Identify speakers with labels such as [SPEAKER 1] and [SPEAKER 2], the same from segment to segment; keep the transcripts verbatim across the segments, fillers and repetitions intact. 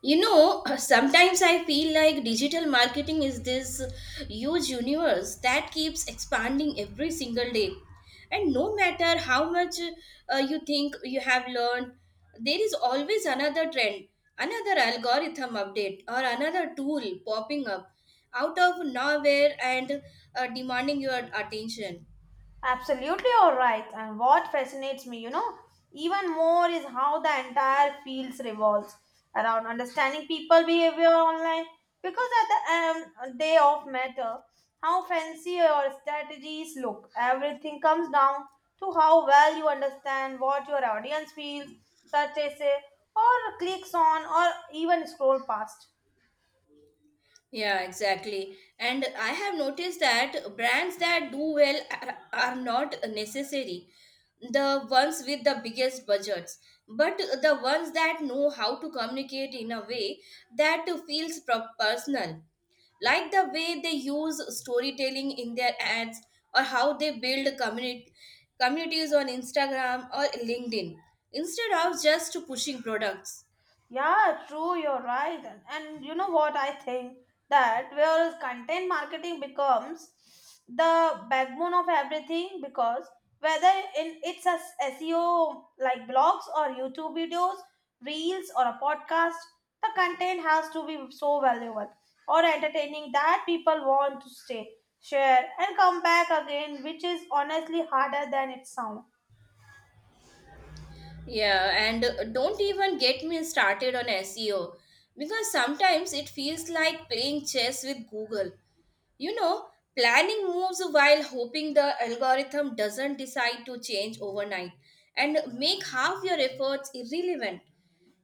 [SPEAKER 1] You know, sometimes I feel like digital marketing is this huge universe that keeps expanding every single day. And no matter how much uh, you think you have learned, there is always another trend, another algorithm update, or another tool popping up out of nowhere and uh, demanding your attention.
[SPEAKER 2] Absolutely, all right. And what fascinates me, you know, even more is how the entire field revolves around understanding people behavior online. Because at the um, day of matter, how fancy your strategies look, everything comes down to how well you understand what your audience feels, such as say, or clicks on, or even scroll past.
[SPEAKER 1] Yeah, exactly. And I have noticed that brands that do well are, are not necessary. The ones with the biggest budgets, but the ones that know how to communicate in a way that feels pro- personal. Like the way they use storytelling in their ads or how they build communi- communities on Instagram or LinkedIn instead of just pushing products.
[SPEAKER 2] Yeah, true, you're right. And, and you know what? I think that where content marketing becomes the backbone of everything because whether in it's a s- SEO like blogs or YouTube videos, reels or a podcast, the content has to be so valuable or entertaining that people want to stay, share and come back again, which is honestly harder than it sounds.
[SPEAKER 1] Yeah, and uh, don't even get me started on S E O because sometimes it feels like playing chess with Google. You know, planning moves while hoping the algorithm doesn't decide to change overnight and make half your efforts irrelevant.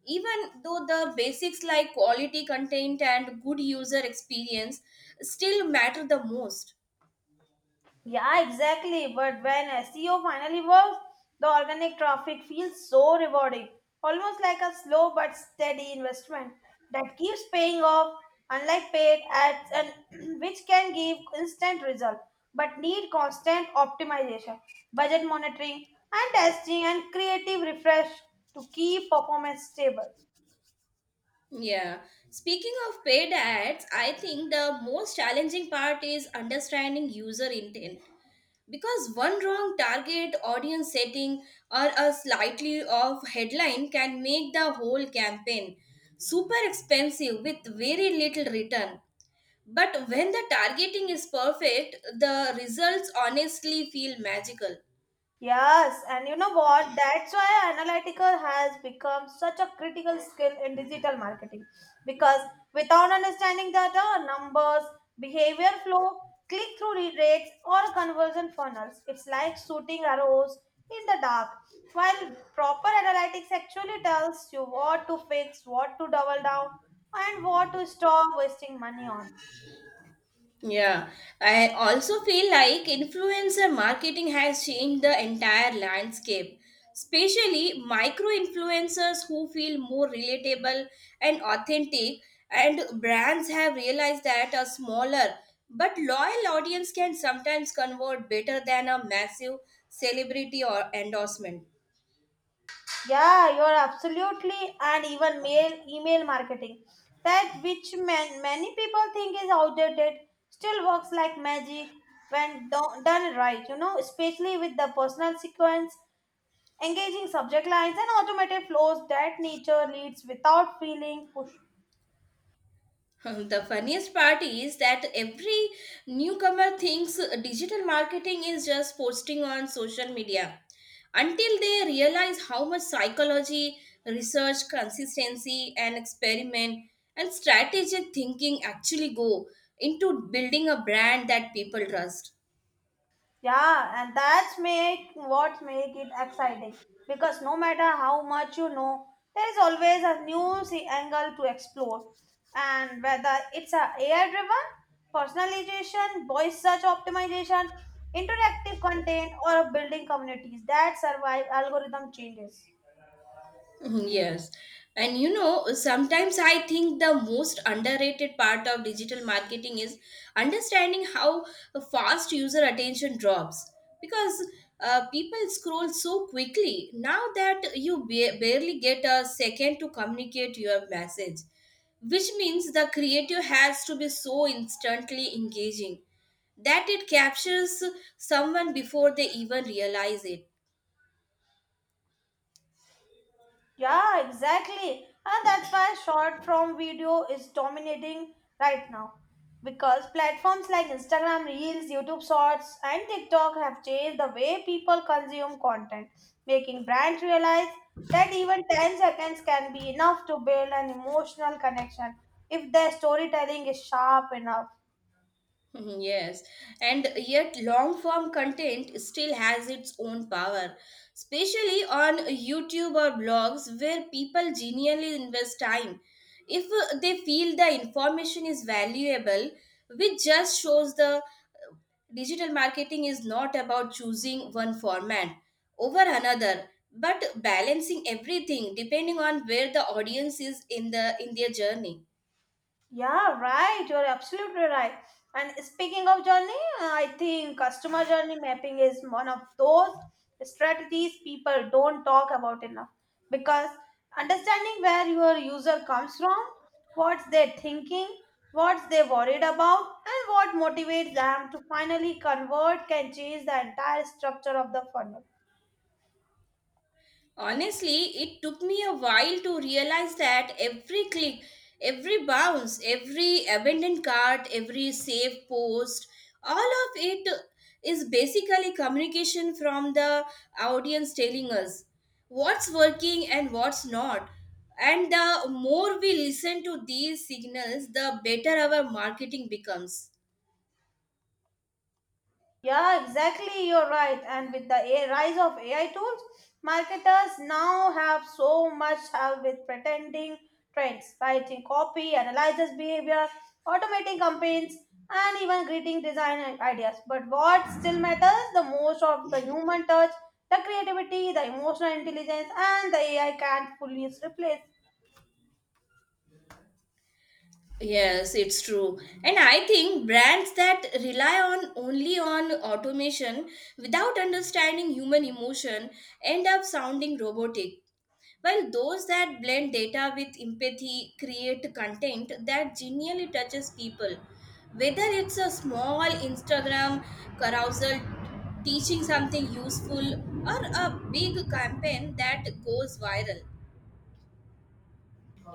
[SPEAKER 1] Even though the basics like quality content and good user experience still matter the most.
[SPEAKER 2] Yeah, exactly. But when S E O finally works, the organic traffic feels so rewarding, almost like a slow but steady investment that keeps paying off, unlike paid ads, and which can give instant result but need constant optimization, budget monitoring, and testing and creative refresh to keep performance stable.
[SPEAKER 1] Yeah. Speaking of paid ads, I think the most challenging part is understanding user intent. Because one wrong target audience setting or a slightly off headline can make the whole campaign super expensive with very little return. But when the targeting is perfect, the results honestly feel magical.
[SPEAKER 2] Yes, and you know what? That's why analytical has become such a critical skill in digital marketing. Because without understanding data, numbers, behavior flow, click through rates, or conversion funnels, it's like shooting arrows in the dark. While proper analytics actually tells you what to fix, what to double down, and what to stop wasting money on.
[SPEAKER 1] Yeah, I also feel like influencer marketing has changed the entire landscape, especially micro influencers who feel more relatable and authentic. And brands have realized that a smaller but loyal audience can sometimes convert better than a massive celebrity or endorsement.
[SPEAKER 2] Yeah, you're absolutely, and even mail email marketing, that which man, many people think is outdated, still works like magic when do- done right. You know, especially with the personal sequence, engaging subject lines, and automated flows that nature leads without feeling pushed.
[SPEAKER 1] The funniest part is that every newcomer thinks digital marketing is just posting on social media until they realize how much psychology, research, consistency, and experiment and strategic thinking actually go into building a brand that people trust.
[SPEAKER 2] Yeah, and that's make what make it exciting because no matter how much you know, there is always a new se- angle to explore. And whether it's a AI driven personalization, voice search optimization, interactive content, or building communities that survive algorithm changes.
[SPEAKER 1] Mhm. Yes. And you know, sometimes I think the most underrated part of digital marketing is understanding how fast user attention drops because uh, people scroll so quickly now that you ba- barely get a second to communicate your message, which means the creative has to be so instantly engaging that it captures someone before they even realize it.
[SPEAKER 2] Yeah, exactly. And that's why short form video is dominating right now. Because platforms like Instagram Reels, YouTube Shorts, and TikTok have changed the way people consume content, making brands realize that even ten seconds can be enough to build an emotional connection if their storytelling is sharp enough.
[SPEAKER 1] Mhm. Yes, and yet long form content still has its own power, especially on YouTube or blogs where people genuinely invest time. If uh, they feel the information is valuable, which just shows the digital marketing is not about choosing one format over another, but balancing everything depending on where the audience is in the in their journey.
[SPEAKER 2] Yeah, right. You're absolutely right. And speaking of journey, I think customer journey mapping is one of those strategies people don't talk about enough because understanding where your user comes from, what's they're thinking, what's they worried about, and what motivates them to finally convert can change the entire structure of the funnel.
[SPEAKER 1] Honestly, it took me a while to realize that every click, every bounce, every abandoned cart, every save post, all of it is basically communication from the audience telling us what's working and what's not. And the more we listen to these signals, the better our marketing becomes.
[SPEAKER 2] Yeah, exactly. You're right. And with the A- rise of A I tools, marketers now have so much help with pretending trends, writing copy, analyzes behavior, automating campaigns, and even greeting design i- ideas. But what still matters the most of the human touch, the creativity, the emotional intelligence, and the A I can't fully replace.
[SPEAKER 1] Yes, it's true. And I think brands that rely on only on automation without understanding human emotion end up sounding robotic. While those that blend data with empathy create content that genuinely touches people. Whether it's a small Instagram carousel teaching something useful or a big campaign that goes viral.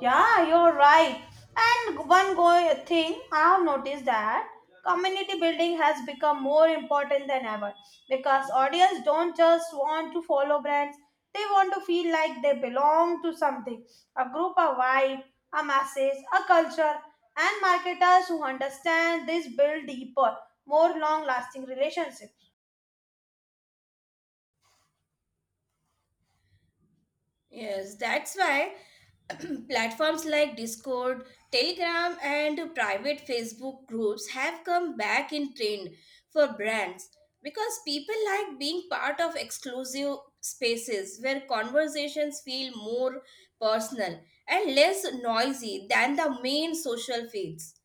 [SPEAKER 2] Yeah, you're right. And one go- thing I have noticed that community building has become more important than ever because audience don't just want to follow brands, they want to feel like they belong to something a group, a vibe, a message, a culture. And marketers who understand this build deeper, more long lasting relationships.
[SPEAKER 1] Yes, that's why platforms like Discord, Telegram, and private Facebook groups have come back in trend for brands because people like being part of exclusive spaces where conversations feel more personal and less noisy than the main social feeds.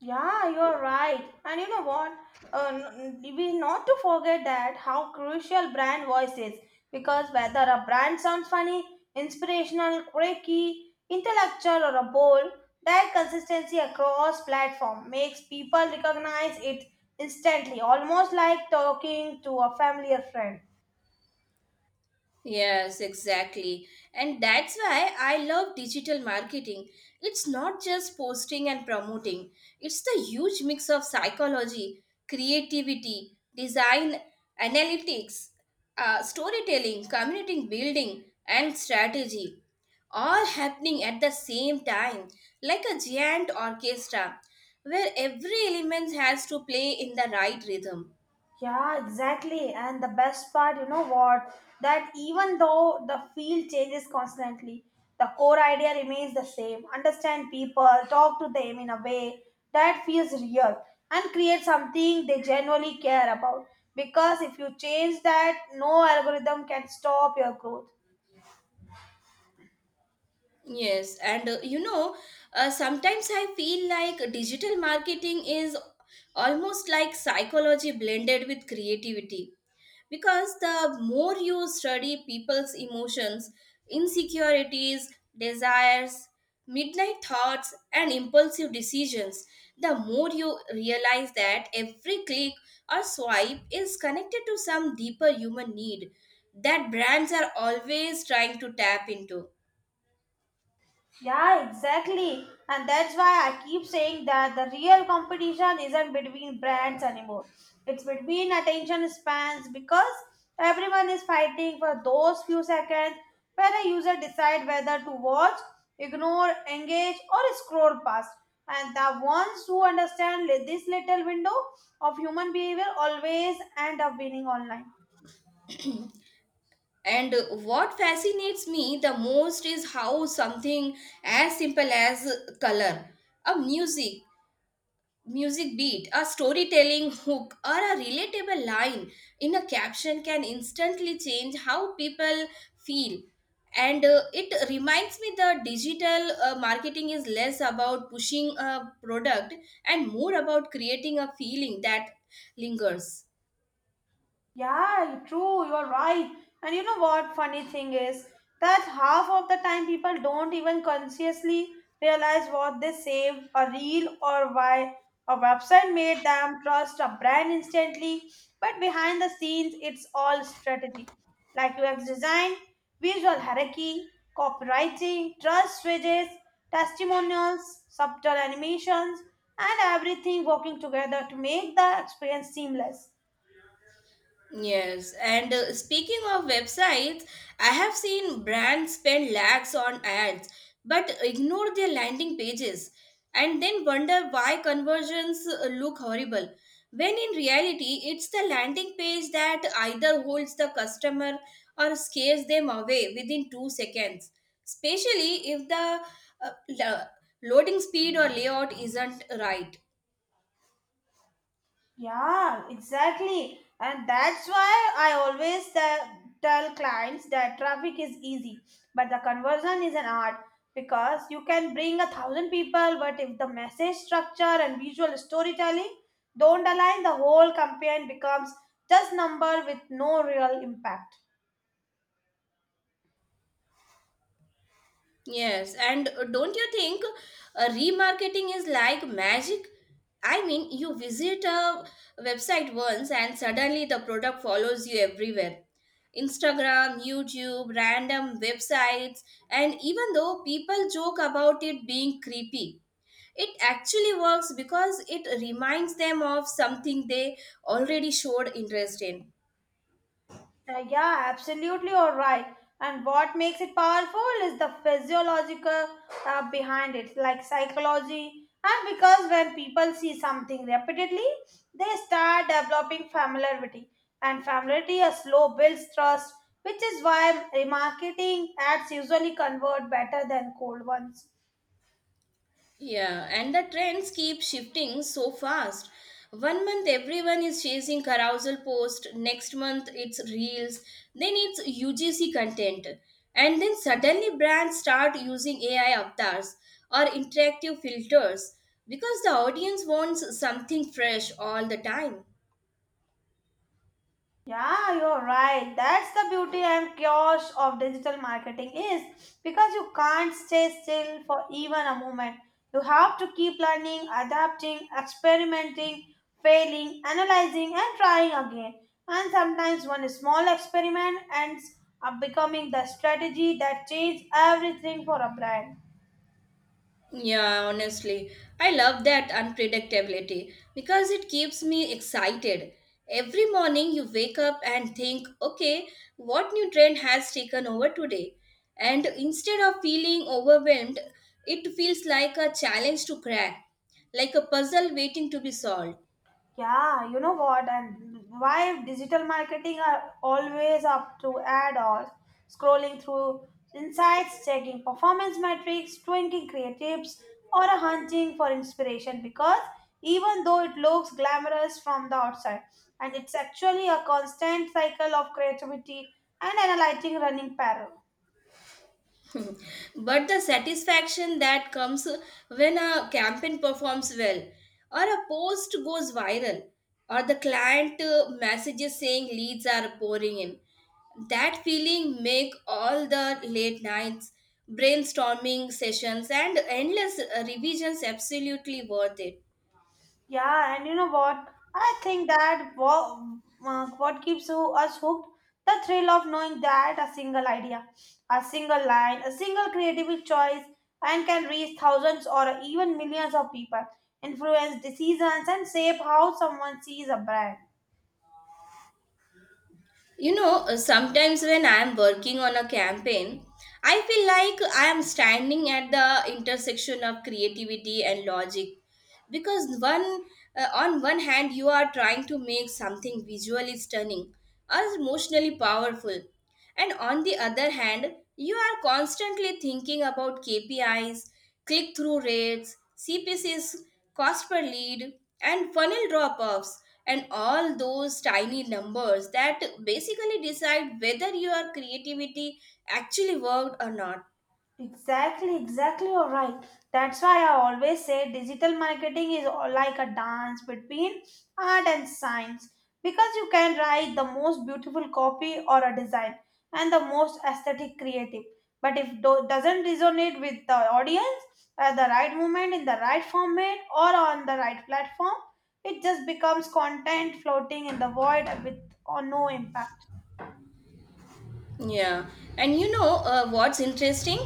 [SPEAKER 2] Yeah, you're right. And you know what? Uh, n- n- we not to forget that how crucial brand voice is because whether a brand sounds funny, inspirational, quirky, intellectual, or a bold, that consistency across platform makes people recognize it instantly, almost like talking to a familiar friend.
[SPEAKER 1] Yes, exactly. And that's why I love digital marketing. It's not just posting and promoting, it's the huge mix of psychology, creativity, design, analytics, uh, storytelling, community building, and strategy all happening at the same time, like a giant orchestra, where every element has to play in the right rhythm.
[SPEAKER 2] Yeah, exactly. And the best part, you know what? That even though the field changes constantly, the core idea remains the same. Understand people, talk to them in a way that feels real, and create something they genuinely care about. Because if you change that, no algorithm can stop your growth.
[SPEAKER 1] Yes, and uh, you know, uh, sometimes I feel like digital marketing is almost like psychology blended with creativity because the more you study people's emotions, insecurities, desires, midnight thoughts, and impulsive decisions, the more you realize that every click or swipe is connected to some deeper human need that brands are always trying to tap into.
[SPEAKER 2] Yeah, exactly. And that's why I keep saying that the real competition isn't between brands anymore. It's between attention spans because everyone is fighting for those few seconds when a user decides whether to watch, ignore, engage, or scroll past. And the ones who understand li- this little window of human behavior always end up winning online.
[SPEAKER 1] And what fascinates me the most is how something as simple as color, a music, music beat, a storytelling hook, or a relatable line in a caption can instantly change how people feel. And uh, it reminds me the digital uh, marketing is less about pushing a product and more about creating a feeling that lingers.
[SPEAKER 2] Yeah, true, you're right. And you know what funny thing is that half of the time people don't even consciously realize what they saved, a reel or why a website made them trust a brand instantly. But behind the scenes, it's all strategy. Like U X design, visual hierarchy, copywriting, trust switches, testimonials, subtle animations, and everything working together to make the experience seamless.
[SPEAKER 1] Yes, and uh, speaking of websites, I have seen brands spend lakhs on ads but ignore their landing pages and then wonder why conversions uh, look horrible. When in reality, it's the landing page that either holds the customer or scares them away within two seconds, especially if the uh, lo- loading speed or layout isn't right.
[SPEAKER 2] Yeah, exactly. And that's why I always te- tell clients that traffic is easy, but the conversion is an art because you can bring a thousand people, but if the message structure and visual storytelling don't align, the whole campaign becomes just number with no real impact.
[SPEAKER 1] Yes, and uh, don't you think uh, remarketing is like magic? I mean, you visit a website once and suddenly the product follows you everywhere. Instagram, YouTube, random websites, and even though people joke about it being creepy, it actually works because it reminds them of something they already showed interest in.
[SPEAKER 2] Uh, yeah, absolutely, all right. And what makes it powerful is the physiological uh, behind it, like psychology. And because when people see something repeatedly, they start developing familiarity. And familiarity, a slow builds trust, which is why remarketing ads usually convert better than cold ones.
[SPEAKER 1] Yeah, and the trends keep shifting so fast. One month everyone is chasing carousel post, next month it's reels, then it's U G C content. And then suddenly brands start using A I avatars or interactive filters because the audience wants something fresh all the time.
[SPEAKER 2] Yeah, you're right. That's the beauty and chaos of digital marketing is because you can't stay still for even a moment. You have to keep learning, adapting, experimenting, failing, analyzing, and trying again. And sometimes one small experiment ends up becoming the strategy that changes everything for a brand.
[SPEAKER 1] Yeah, honestly, I love that unpredictability because it keeps me excited. Every morning you wake up and think, okay, what new trend has taken over today? And instead of feeling overwhelmed, it feels like a challenge to crack, like a puzzle waiting to be solved.
[SPEAKER 2] Yeah, you know what? And why digital marketing are always up to add-ons, scrolling through insights, checking performance metrics, tweaking creatives, or a hunting for inspiration because even though it looks glamorous from the outside, and it's actually a constant cycle of creativity and analyzing running parallel.
[SPEAKER 1] Mhm. But the satisfaction that comes when a campaign performs well or a post goes viral or the client uh, messages saying leads are pouring in, that feeling make all the late nights, brainstorming sessions, and endless uh, revisions absolutely worth it.
[SPEAKER 2] Yeah, and you know what? I think that what, uh, what keeps who- us hooked, the thrill of knowing that a single idea, a single line, a single creative choice, and can reach thousands or even millions of people, influence decisions, and shape how someone sees a brand.
[SPEAKER 1] You know, uh, sometimes when I am working on a campaign, I feel like I am standing at the intersection of creativity and logic because one uh, on one hand you are trying to make something visually stunning or emotionally powerful, and on the other hand you are constantly thinking about K P Is, click through rates, C P Cs, cost per lead, and funnel drop offs, and all those tiny numbers that basically decide whether your creativity actually worked or not.
[SPEAKER 2] Exactly, exactly, you're right. That's why I always say digital marketing is all like a dance between art and science because you can write the most beautiful copy or a design and the most aesthetic creative. But if do- doesn't resonate with the audience at the right moment, in the right format, or on the right platform, it just becomes content floating in the void with or no impact.
[SPEAKER 1] Yeah, and you know uh, what's interesting?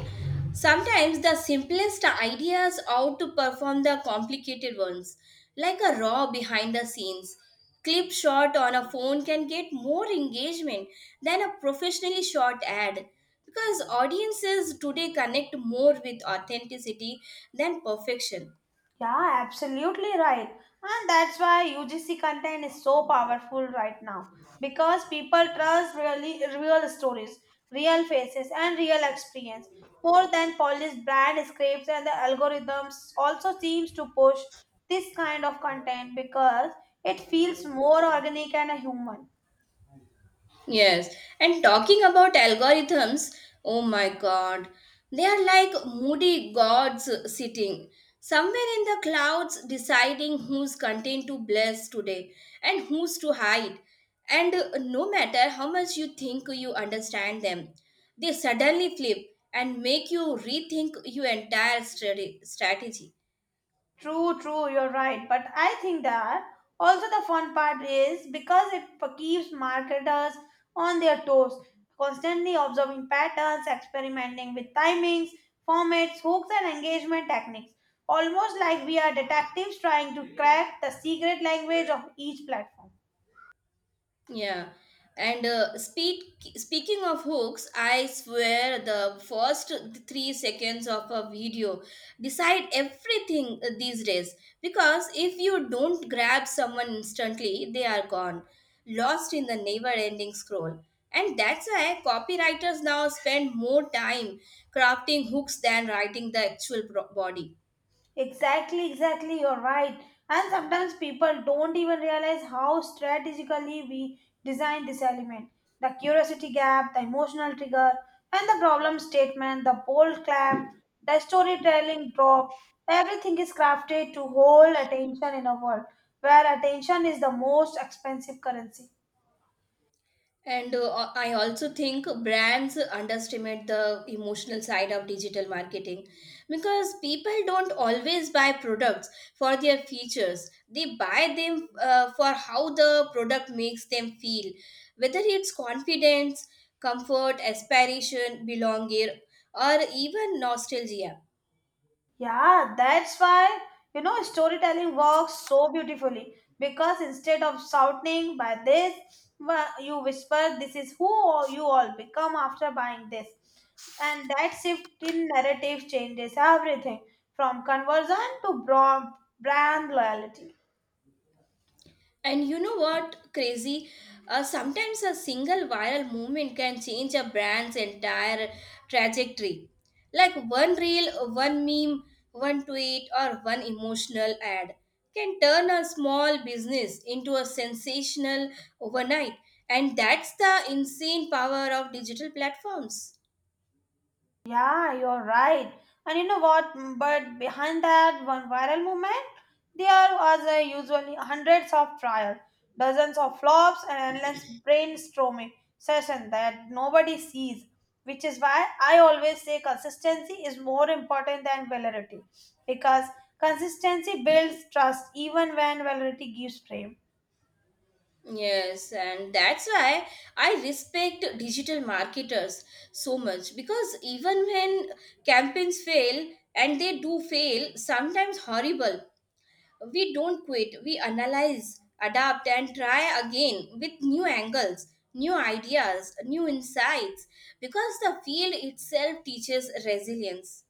[SPEAKER 1] Sometimes the simplest ideas outperform the complicated ones, like a raw behind the scenes. Clip shot on a phone can get more engagement than a professionally shot ad because audiences today connect more with authenticity than perfection.
[SPEAKER 2] Yeah, absolutely right. And that's why U G C content is so powerful right now because people trust really real stories, real faces, and real experience more than polished brand scripts. And the algorithms also seems to push this kind of content because it feels more organic and human.
[SPEAKER 1] Yes, and talking about algorithms, oh my god, they are like moody gods sitting somewhere in the clouds deciding whose content to bless today and whose to hide. And uh, no matter how much you think you understand them, they suddenly flip and make you rethink your entire strate- strategy.
[SPEAKER 2] True, true, you're right. But I think that also the fun part is because it keeps marketers on their toes, constantly observing patterns, experimenting with timings, formats, hooks, and engagement techniques. Almost like we are detectives trying to crack the secret language of each platform.
[SPEAKER 1] Yeah, and uh, speak, speaking of hooks, I swear the first three seconds of a video decide everything uh, these days because if you don't grab someone instantly, they are gone, lost in the never ending scroll. And that's why copywriters now spend more time crafting hooks than writing the actual pro- body.
[SPEAKER 2] Exactly, exactly, you're right. And sometimes people don't even realize how strategically we design this element. The curiosity gap, the emotional trigger, and the problem statement, the bold clamp, the storytelling drop, everything is crafted to hold attention in a world where attention is the most expensive currency.
[SPEAKER 1] And uh, I also think brands underestimate the emotional side of digital marketing because people don't always buy products for their features. They buy them uh, for how the product makes them feel, whether it's confidence, comfort, aspiration, belonging, or even nostalgia.
[SPEAKER 2] Yeah, that's why, you know, storytelling works so beautifully because instead of shouting by this, wha- you whisper, this is who you all become after buying this. And that shift in narrative changes everything from conversion to bra- brand loyalty.
[SPEAKER 1] And you know what, crazy? Uh, sometimes a single viral movement can change a brand's entire trajectory. Like one reel, one meme, one tweet, or one emotional ad can turn a small business into a sensational overnight. And that's the insane power of digital platforms.
[SPEAKER 2] Yeah, you're right. And you know what? Mm, but behind that one viral movement, there was uh, usually hundreds of trials, dozens of flops, and endless brainstorming session that nobody sees. Which is why I always say consistency is more important than validity, because consistency builds trust even when validity gives fame.
[SPEAKER 1] Yes, and that's why I respect digital marketers so much because even when campaigns fail, and they do fail, sometimes horrible, we don't quit. We analyze, adapt, and try again with new angles, new ideas, new insights because the field itself teaches resilience.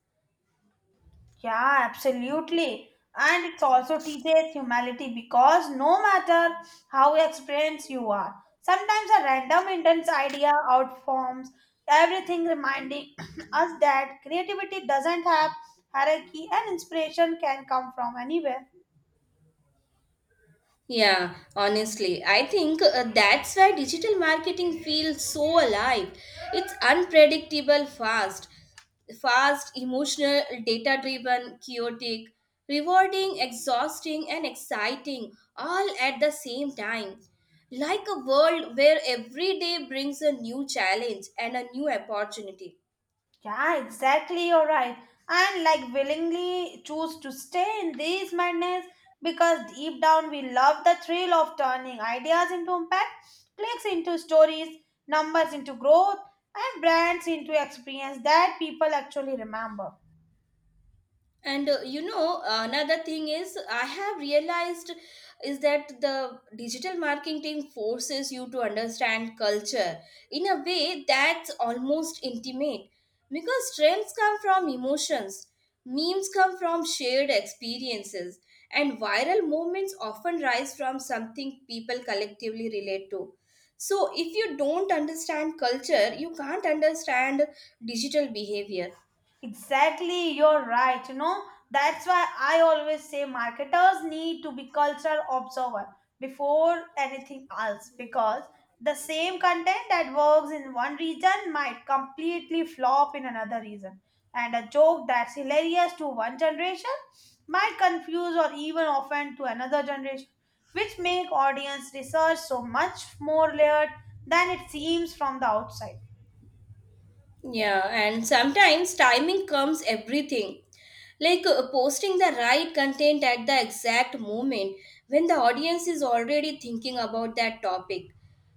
[SPEAKER 2] Yeah, absolutely. And it also teaches humility because no matter how experienced you are, sometimes a random intense idea outforms everything, reminding us that creativity doesn't have hierarchy and inspiration can come from anywhere.
[SPEAKER 1] Yeah, honestly, I think uh, that's why digital marketing feels so alive. It's unpredictable, fast, fast, emotional, data driven, chaotic, rewarding, exhausting, and exciting all at the same time. Like a world where every day brings a new challenge and a new opportunity.
[SPEAKER 2] Yeah, exactly. You're right. And like willingly choose to stay in this madness because deep down we love the thrill of turning ideas into impact, clicks into stories, numbers into growth, and brands into experience that people actually remember.
[SPEAKER 1] And uh, you know, another thing is I have realized is that the digital marketing forces you to understand culture in a way that's almost intimate, because trends come from emotions, memes come from shared experiences, and viral moments often rise from something people collectively relate to. So if you don't understand culture, you can't understand digital behavior.
[SPEAKER 2] Exactly, you're right. You know, that's why I always say marketers need to be cultural observer before anything else because the same content that works in one region might completely flop in another region. And a joke that's hilarious to one generation might confuse or even offend to another generation, which make audience research so much more layered than it seems from the outside.
[SPEAKER 1] Yeah, and sometimes timing comes everything. Like uh, posting the right content at the exact moment when the audience is already thinking about that topic.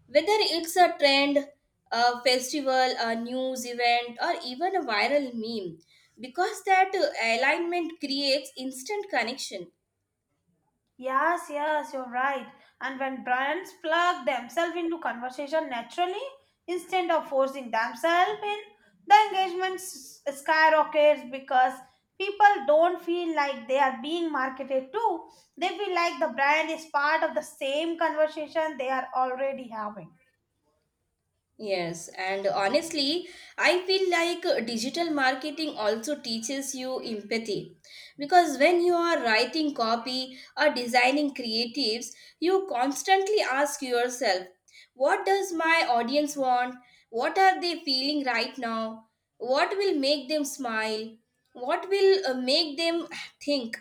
[SPEAKER 1] Whether it's a trend, a festival, a news event, or even a viral meme, because that uh, alignment creates instant connection.
[SPEAKER 2] Yes, yes, you're right. And when brands plug themselves into conversation naturally, instead of forcing themselves in, the engagement s- skyrockets because people don't feel like they are being marketed to. They feel like the brand is part of the same conversation they are already having.
[SPEAKER 1] Yes, and honestly, I feel like uh, digital marketing also teaches you empathy because when you are writing copy or designing creatives, you constantly ask yourself, what does my audience want? What are they feeling right now? What will make them smile? What will uh, make them think?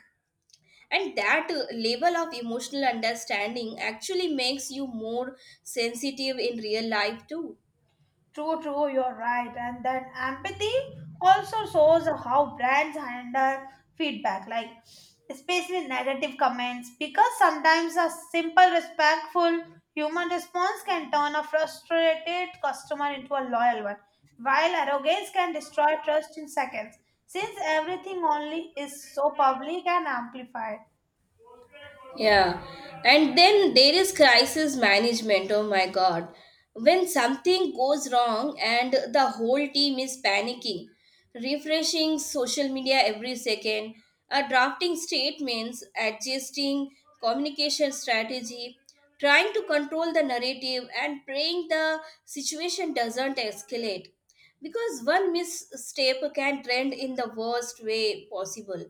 [SPEAKER 1] And that uh, level of emotional understanding actually makes you more sensitive in real life too.
[SPEAKER 2] True, true, you're right. And then empathy also shows how brands handle feedback, like especially negative comments, because sometimes a simple, respectful human response can turn a frustrated customer into a loyal one, while arrogance can destroy trust in seconds, since everything only is so public and amplified.
[SPEAKER 1] Yeah, and then there is crisis management. Oh my god, when something goes wrong and the whole team is panicking, refreshing social media every second, uh, drafting statements, adjusting communication strategy, trying to control the narrative, and praying the situation doesn't escalate because one misstep can trend in the worst way possible.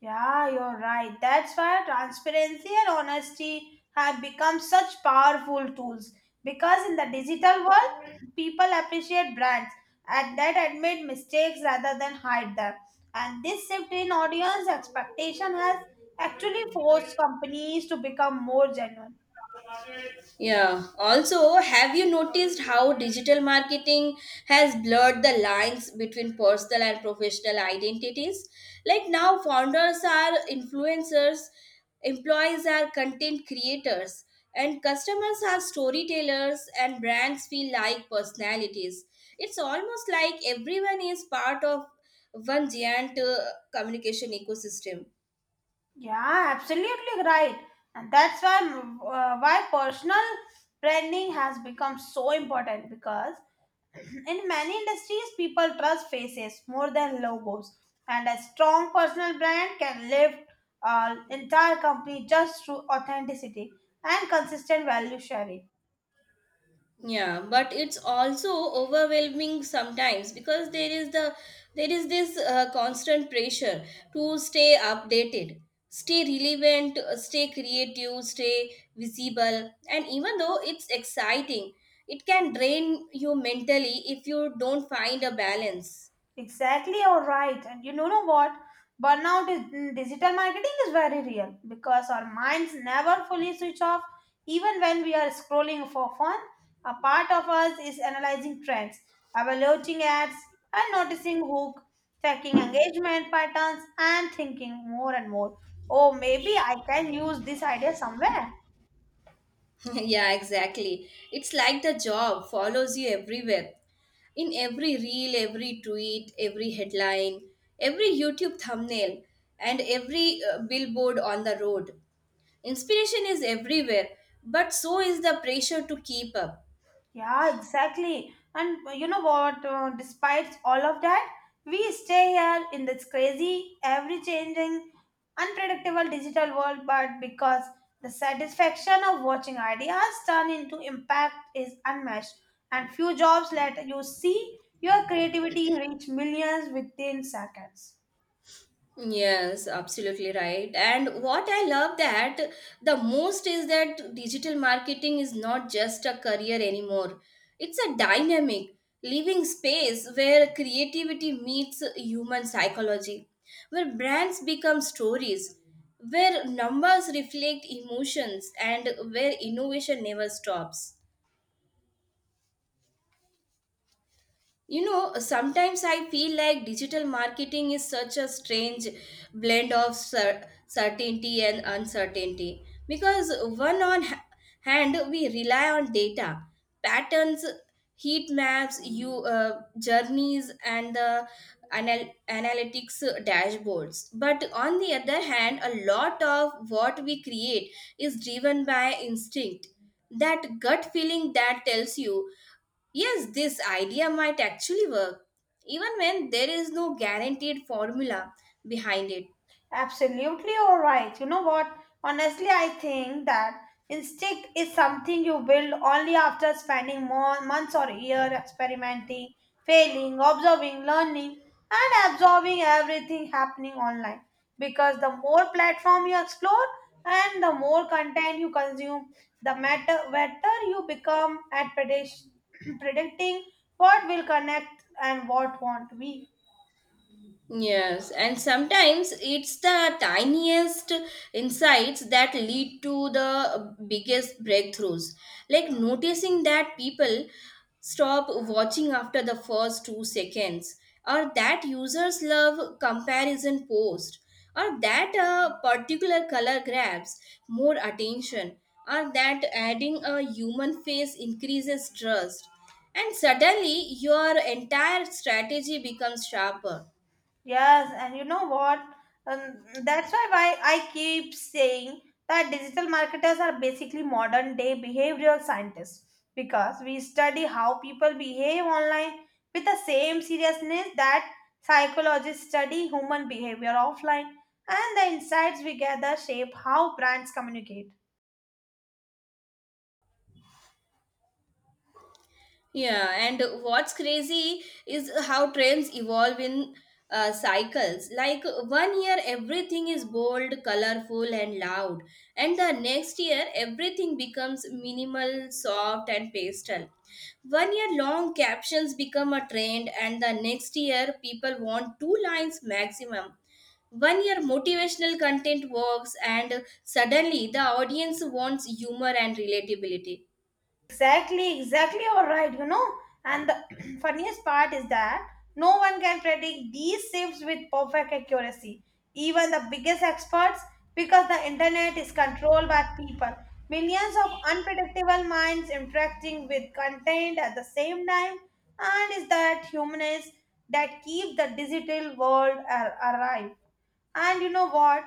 [SPEAKER 2] Yeah, you're right. That's why transparency and honesty have become such powerful tools. Because in the digital world, people appreciate brands and that admit mistakes rather than hide them. And this shift in audience expectation has actually forced companies to become more genuine.
[SPEAKER 1] Yeah. Also, have you noticed how digital marketing has blurred the lines between personal and professional identities? Like now, founders are influencers, employees are content creators, and customers are storytellers, and brands feel like personalities. It's almost like everyone is part of one giant uh, communication ecosystem.
[SPEAKER 2] Yeah, absolutely right. And that's why uh, why personal branding has become so important because in many industries, people trust faces more than logos, and a strong personal brand can lift an entire company just through authenticity and consistent value sharing.
[SPEAKER 1] Yeah, but it's also overwhelming sometimes because there is the there is this uh, constant pressure to stay updated, stay relevant, uh, stay creative, stay visible, and even though it's exciting, it can drain you mentally if you don't find a balance.
[SPEAKER 2] Exactly, you're right. And you know know what? Burnout is, in digital marketing is very real because our minds never fully switch off. Even when we are scrolling for fun, a part of us is analyzing trends, evaluating ads, and noticing hook, checking engagement patterns, and thinking more and more. Oh, maybe I can use this idea somewhere.
[SPEAKER 1] Yeah, exactly. It's like the job follows you everywhere. In every reel, every tweet, every headline, every YouTube thumbnail, and every uh, billboard on the road. Inspiration is everywhere, but so is the pressure to keep up.
[SPEAKER 2] Yeah, exactly. And uh, you know what? Uh, despite all of that, we stay here in this crazy, ever changing, unpredictable digital world. But because the satisfaction of watching ideas turn into impact is unmatched, and few jobs let you see your creativity reach millions within seconds.
[SPEAKER 1] Yes, absolutely right. And what I love that the most is that digital marketing is not just a career anymore. It's a dynamic, living space where creativity meets human psychology, where brands become stories, where numbers reflect emotions, and where innovation never stops. You know, sometimes I feel like digital marketing is such a strange blend of cer- certainty and uncertainty because one on ha- hand we rely on data, patterns, heat maps, you uh, journeys, and the anal- analytics dashboards. But on the other hand, a lot of what we create is driven by instinct. That gut feeling that tells you yes, this idea might actually work, even when there is no guaranteed formula behind it.
[SPEAKER 2] Absolutely, all right. You know what? Honestly, I think that instinct is something you build only after spending more months or year experimenting, failing, observing, learning, and absorbing everything happening online. Because the more platform you explore and the more content you consume, the matter better you become at predict- predicting what will connect and what won't be.
[SPEAKER 1] Yes, and sometimes it's the tiniest insights that lead to the biggest breakthroughs. Like noticing that people stop watching after the first two seconds, or that users love comparison post, or that a particular color grabs more attention, or that adding a human face increases trust. And suddenly, your entire strategy becomes sharper.
[SPEAKER 2] Yes, and you know what? Um, that's why why I keep saying that digital marketers are basically modern day behavioral scientists because we study how people behave online with the same seriousness that psychologists study human behavior offline, and the insights we gather shape how brands communicate.
[SPEAKER 1] Yeah, and what's crazy is how trends evolve in uh, cycles. Like one year, everything is bold, colorful, and loud, and the next year, everything becomes minimal, soft, and pastel. One year, long captions become a trend, and the next year, people want two lines maximum. One year, motivational content works, and suddenly, the audience wants humor and relatability.
[SPEAKER 2] Exactly, exactly, you're right, you know. And the funniest part is that no one can predict these shifts with perfect accuracy, even the biggest experts, because the internet is controlled by people. Millions of unpredictable minds interacting with content at the same time, and is that humanness that keeps the digital world a- alive. And you know what?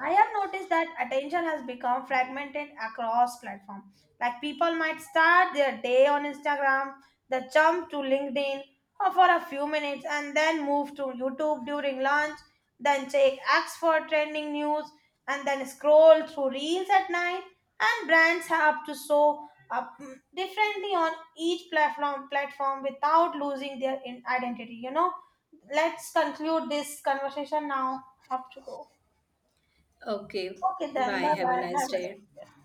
[SPEAKER 2] I have noticed that attention has become fragmented across platforms. Like people might start their day on Instagram, then jump to LinkedIn or for a few minutes, and then move to YouTube during lunch, then check X for trending news, and then scroll through Reels at night. And brands have to show up mm, differently on each platform platform without losing their in- identity. You know, let's conclude this conversation now. Have to go.
[SPEAKER 1] Okay,
[SPEAKER 2] Okay, then. Bye
[SPEAKER 1] bye. Have a
[SPEAKER 2] bye.
[SPEAKER 1] nice
[SPEAKER 2] Have a nice
[SPEAKER 1] day.
[SPEAKER 2] day.